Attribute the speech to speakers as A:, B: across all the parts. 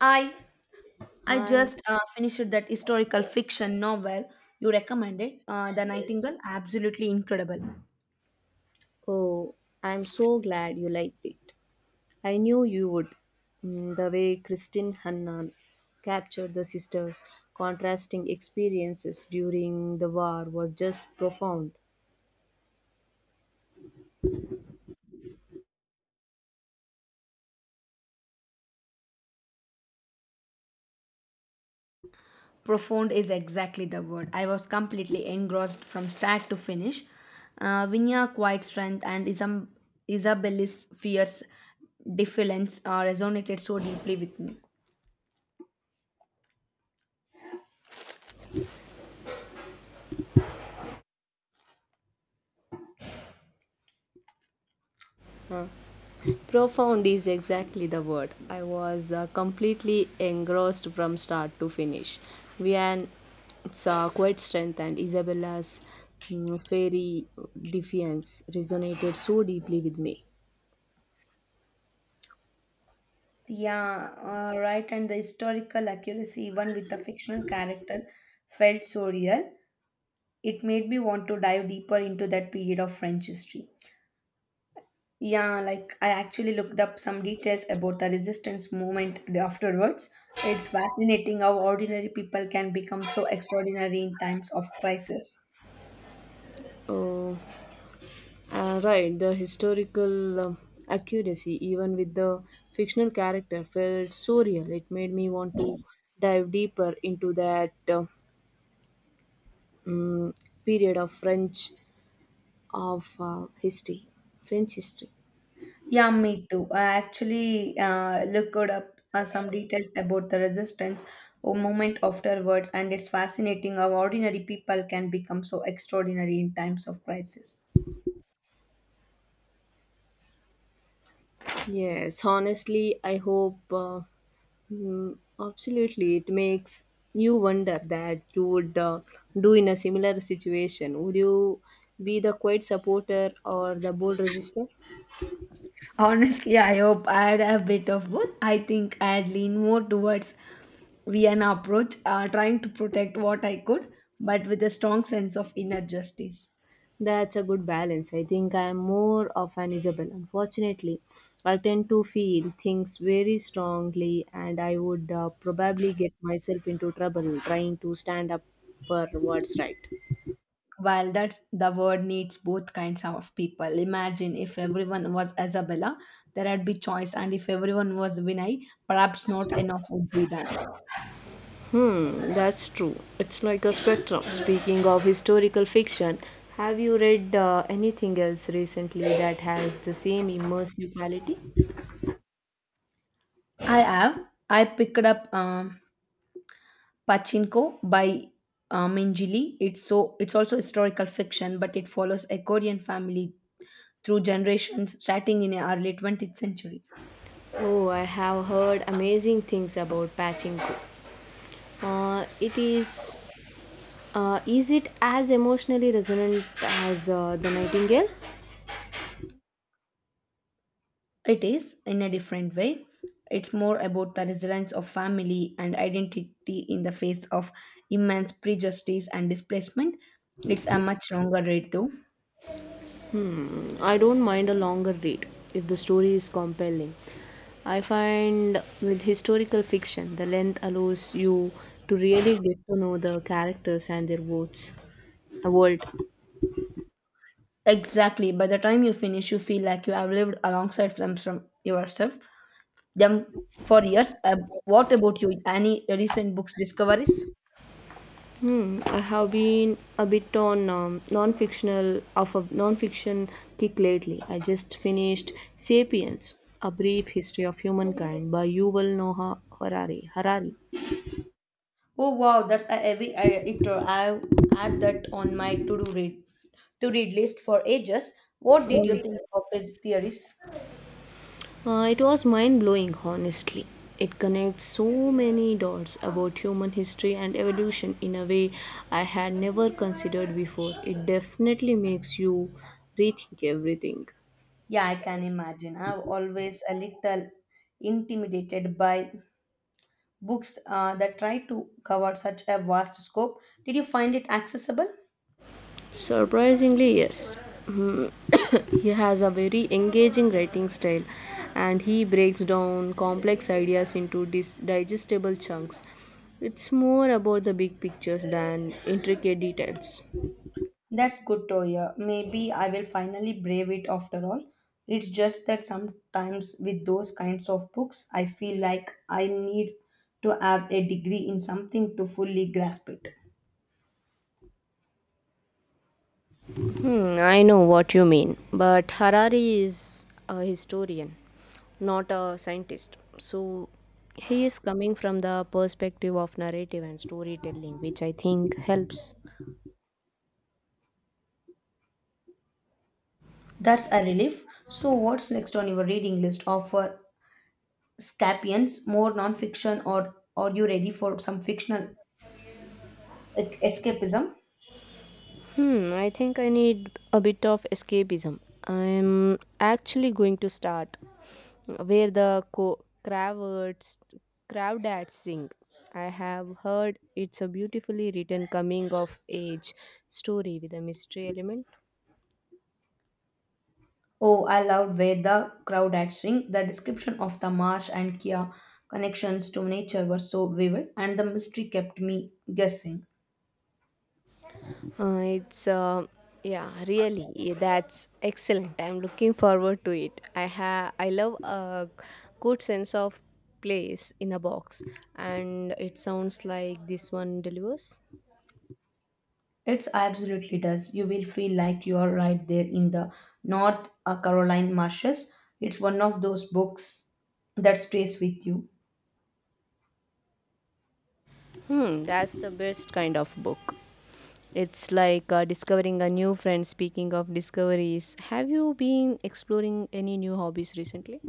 A: I I
B: Hi.
A: just finished that historical fiction novel you recommended, The Nightingale. Absolutely incredible.
B: Oh, I'm so glad you liked it. I knew you would. The way Kristin Hanna captured the sisters' contrasting experiences during the war was just profound.
A: Profound is exactly the word. I was completely engrossed from start to finish. Vinya quiet strength and Isabella's fierce defiance resonated so deeply with me.
B: Profound is exactly the word. I was completely engrossed from start to finish. Vian saw quite strength and Isabella's fairy defiance resonated so deeply with me.
A: Yeah, right. And the historical accuracy, even with the fictional character, felt so real. It made me want to dive deeper into that period of French history. Yeah, like I actually looked up some details about the resistance movement afterwards. It's fascinating how ordinary people can become so extraordinary in times of crisis.
B: Oh, right, the historical accuracy, even with the fictional character, felt so real. It made me want to dive deeper into that period of French of history, French history.
A: Yeah, me too. I actually looked up some details about the resistance or movement afterwards, and it's fascinating how ordinary people can become so extraordinary in times of crisis.
B: Yes, honestly, I hope. Mm, Absolutely. It makes you wonder that you would do in a similar situation. Would you be the quiet supporter or the bold resistor?
A: Honestly, I hope I had a bit of both. I think I'd lean more towards Vienna approach, trying to protect what I could, but with a strong sense of inner justice.
B: That's a good balance. I think I am more of an Isabel. Unfortunately, I tend to feel things very strongly, and I would probably get myself into trouble trying to stand up for what's right.
A: While that's the world needs both kinds of people. Imagine if everyone was Isabella, there would be choice, and if everyone was Vinay, perhaps not enough would be done.
B: That's true. It's like a spectrum. Speaking of historical fiction, have you read anything else recently that has the same immersive quality?
A: I have. I picked up Pachinko by Minjili. It's also historical fiction, but it follows a Korean family through generations starting in the early 20th century.
B: Oh, I have heard amazing things about Pachinko. It is Is it as emotionally resonant as The Nightingale?
A: It is, in a different way, it's more about the resilience of family and identity in the face of immense prejudice and displacement. It's a much longer read, though.
B: I don't mind a longer read if the story is compelling. I find with historical fiction, the length allows you to really get to know the characters and their worlds. A world.
A: Exactly. By the time you finish, you feel like you have lived alongside them from yourself them for years. What about you? Any recent books discoveries?
B: I have been a bit on non-fictional of a non-fiction kick lately. I just finished *Sapiens: A Brief History of Humankind* by Yuval Noah Harari.
A: Oh wow, that's a heavy intro. I had that on my to-do read to-read list for ages. What did you think of his theories?
B: It was mind blowing, honestly. It connects so many dots about human history and evolution in a way I had never considered before. It definitely makes you rethink everything.
A: Yeah, I can imagine. I'm always a little intimidated by books that try to cover such a vast scope. Did you find it accessible?
B: Surprisingly, yes. Hmm. He has a very engaging writing style and he breaks down complex ideas into digestible chunks. It's more about the big pictures than intricate details.
A: That's good Toya. Maybe I will finally brave it after all. It's just that sometimes with those kinds of books, I feel like I need to have a degree in something to fully grasp it.
B: I know what you mean, but Harari is a historian, not a scientist. So he is coming from the perspective of narrative and storytelling, which I think helps.
A: That's a relief. So, what's next on your reading list? Offer Scapians, more non fiction, or are you ready for some fictional escapism?
B: I think I need a bit of escapism. I'm actually going to start where the Kravdats sing. I have heard it's a beautifully written coming of age story with a mystery element.
A: Oh, I loved where the crowd had swing. The description of the marsh and Kia connections to nature were so vivid, and the mystery kept me guessing.
B: Uh, it's uh, that's excellent. I'm looking forward to it. I love a good sense of place in a box, and it sounds like this one delivers.
A: It absolutely does. You will feel like you are right there in the North Carolina marshes. It's one of those books that stays with you.
B: That's the best kind of book. It's like discovering a new friend. Speaking of discoveries, have you been exploring any new hobbies recently?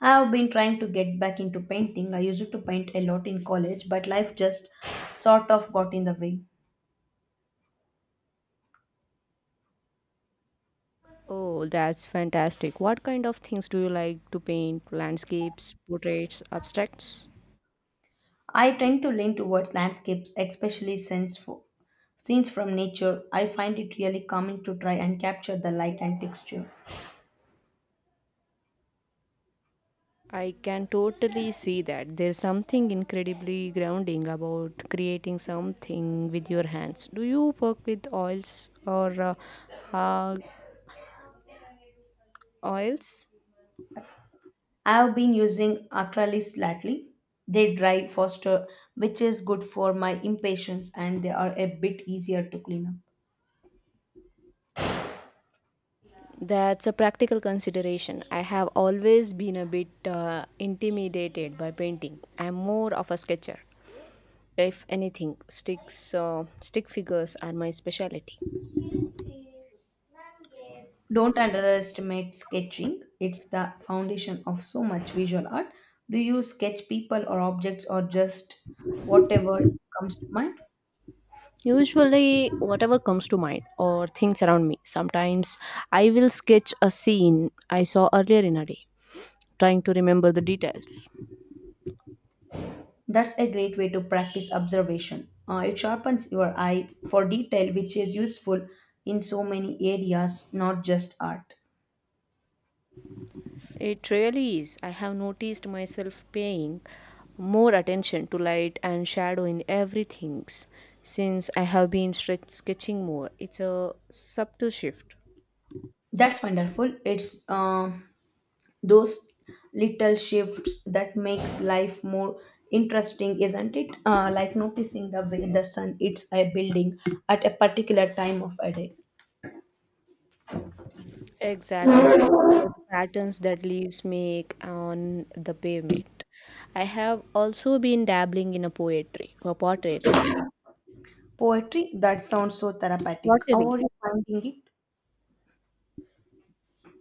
A: I have been trying to get back into painting. I used to paint a lot in college, but life just sort of got in the way.
B: Oh, that's fantastic. What kind of things do you like to paint? Landscapes, portraits, abstracts?
A: I tend to lean towards landscapes, especially since scenes from nature, I find it really calming to try and capture the light and texture.
B: I can totally see that. There's something incredibly grounding about creating something with your hands. Do you work with oils or uh, oils?
A: I have been using acrylics lately. They dry faster, which is good for my impatience, and they are a bit easier to clean up.
B: That's a practical consideration. I have always been a bit intimidated by painting. I'm more of a sketcher. If anything, stick figures are my specialty.
A: Don't underestimate sketching, it's the foundation of so much visual art. Do you sketch people or objects or just whatever comes to mind?
B: Usually, whatever comes to mind or things around me. Sometimes I will sketch a scene I saw earlier in a day, trying to remember the details.
A: That's a great way to practice observation. It sharpens your eye for detail, which is useful in so many areas, not just art.
B: It really is. I have noticed myself paying more attention to light and shadow in everything since I have been sketching more. It's a subtle shift.
A: That's wonderful. It's Those little shifts that makes life more interesting, isn't it? Like noticing the way the sun hits a building at a particular time of a day.
B: Exactly. The patterns that leaves make on the pavement. I have also been dabbling in a poetry, a pottery.
A: Poetry that sounds so therapeutic. How
B: Pottery.
A: are you finding it?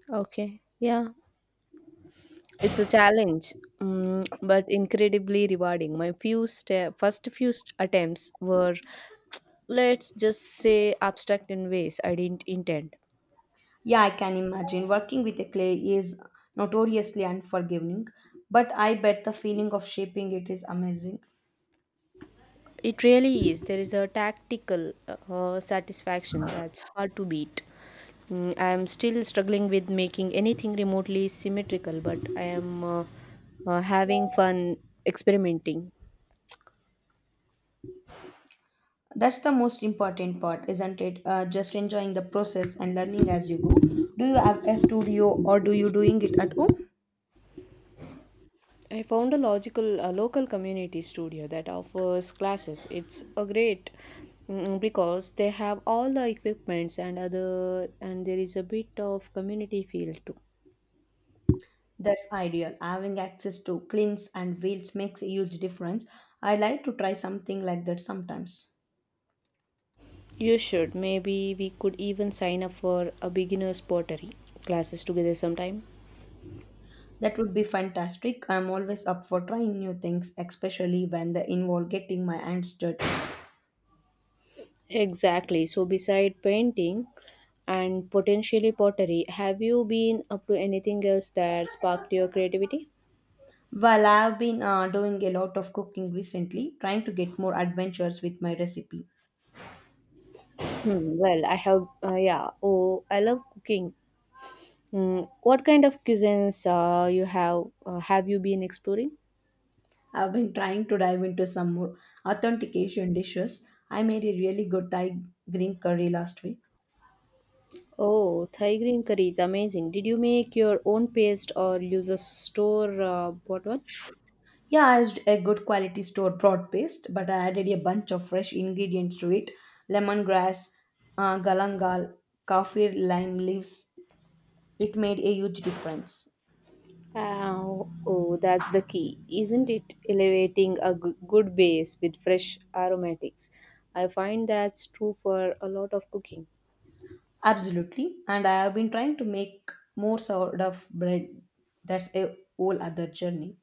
B: Okay. Yeah. It's a challenge, but incredibly rewarding. My first attempts were, let's just say, abstract in ways I didn't intend.
A: Yeah, I can imagine. Working with a clay is notoriously unforgiving, but I bet the feeling of shaping it is amazing.
B: It really is. There is a tactical satisfaction that's hard to beat. I am still struggling with making anything remotely symmetrical, but I am having fun experimenting.
A: That's the most important part, isn't it? Just enjoying the process and learning as you go. Do you have a studio or do you doing it at home?
B: I found a local community studio that offers classes. It's a great because they have all the equipments and other and there is a bit of community feel too.
A: That's ideal. Having access to cleans and wheels makes a huge difference. I like to try something like that sometimes.
B: You should maybe we could even sign up for a beginner's pottery classes together sometime.
A: That would be fantastic. I'm always up for trying new things, especially when they involve getting my hands dirty.
B: Exactly. So beside painting and potentially pottery, have you been up to anything else that sparked your creativity?
A: Well, I've been doing a lot of cooking recently, trying to get more adventures with my recipe.
B: Hmm, well, I have, yeah. Oh, I love cooking. What kind of cuisines you have you been exploring?
A: I've been trying to dive into some more authentic Asian dishes. I made a really good Thai green curry last week.
B: Oh, Thai green curry is amazing. Did you make your own paste or use a store bought one?
A: Yeah, I used a good quality store broad paste, but I added a bunch of fresh ingredients to it lemongrass, galangal, kaffir lime leaves. It made a huge difference.
B: Oh, that's the key, isn't it? Elevating a good base with fresh aromatics. I find that's true for a lot of cooking.
A: Absolutely. And I have been trying to make more sort of bread. That's a whole other journey.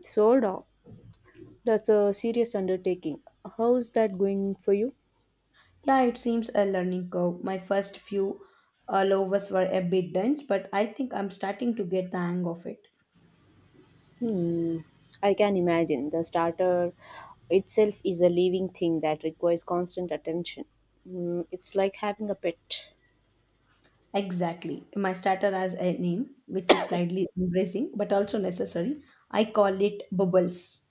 B: Sourdough. That's a serious undertaking. How's that going for you?
A: Yeah, it seems a learning curve. My first few loaves were a bit dense, but I think I'm starting to get the hang of it.
B: Hmm, I can imagine. The starter itself is a living thing that requires constant attention. It's like having a pet.
A: Exactly. My starter has a name, which is slightly embracing, but also necessary. I call it bubbles.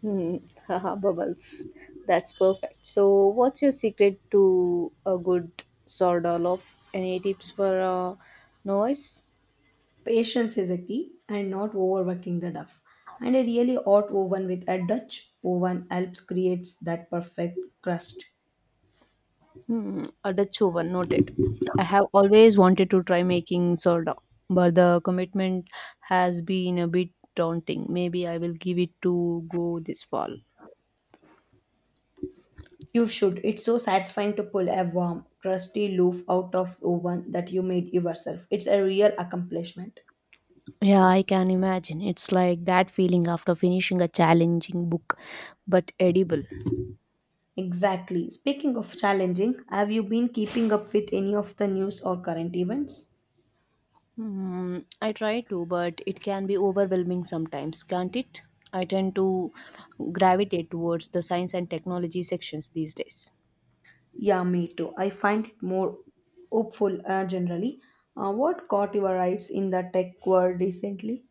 B: Hmm, Haha, bubbles. That's perfect. So, what's your secret to a good sourdough loaf? Any tips for noise?
A: Patience is a key and not overworking the dough. And a really hot oven with a Dutch oven helps creates that perfect crust.
B: A Dutch oven, noted. I have always wanted to try making sourdough, but the commitment has been a bit daunting. Maybe I will give it to go this fall.
A: You should. It's so satisfying to pull a warm, crusty loaf out of oven that you made yourself. It's a real accomplishment.
B: Yeah, I can imagine. It's like that feeling after finishing a challenging book, but edible.
A: Exactly. Speaking of challenging, have you been keeping up with any of the news or current events?
B: I try to, but it can be overwhelming sometimes, can't it? I tend to gravitate towards the science and technology sections these days.
A: Yeah, me too. I find it more hopeful generally. What caught your eyes in the tech world recently?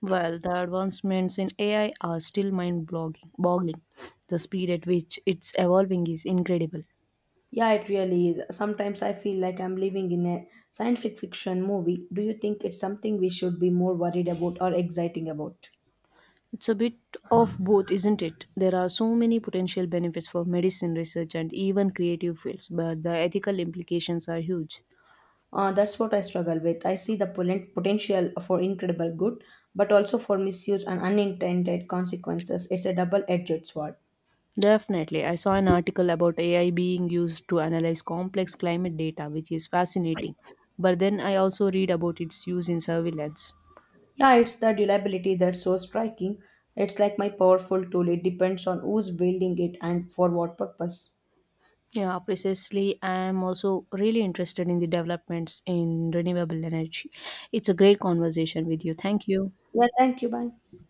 B: Well, the advancements in AI are still mind boggling. The speed at which it's evolving is incredible.
A: Yeah, it really is. Sometimes I feel like I'm living in a science fiction movie. Do you think it's something we should be more worried about or exciting about?
B: It's a bit of both, isn't it? There are so many potential benefits for medicine research and even creative fields, but the ethical implications are huge.
A: That's what I struggle with. I see the potential for incredible good, but also for misuse and unintended consequences. It's a double edged sword.
B: Definitely. I saw an article about AI being used to analyze complex climate data, which is fascinating. But then I also read about its use in surveillance.
A: Yeah, it's the durability that's so striking. It's like my powerful tool, it depends on who's building it and for what purpose.
B: Yeah, precisely. I am also really interested in the developments in renewable energy. It's a great conversation with you. Thank you.
A: Yeah, thank you. Bye.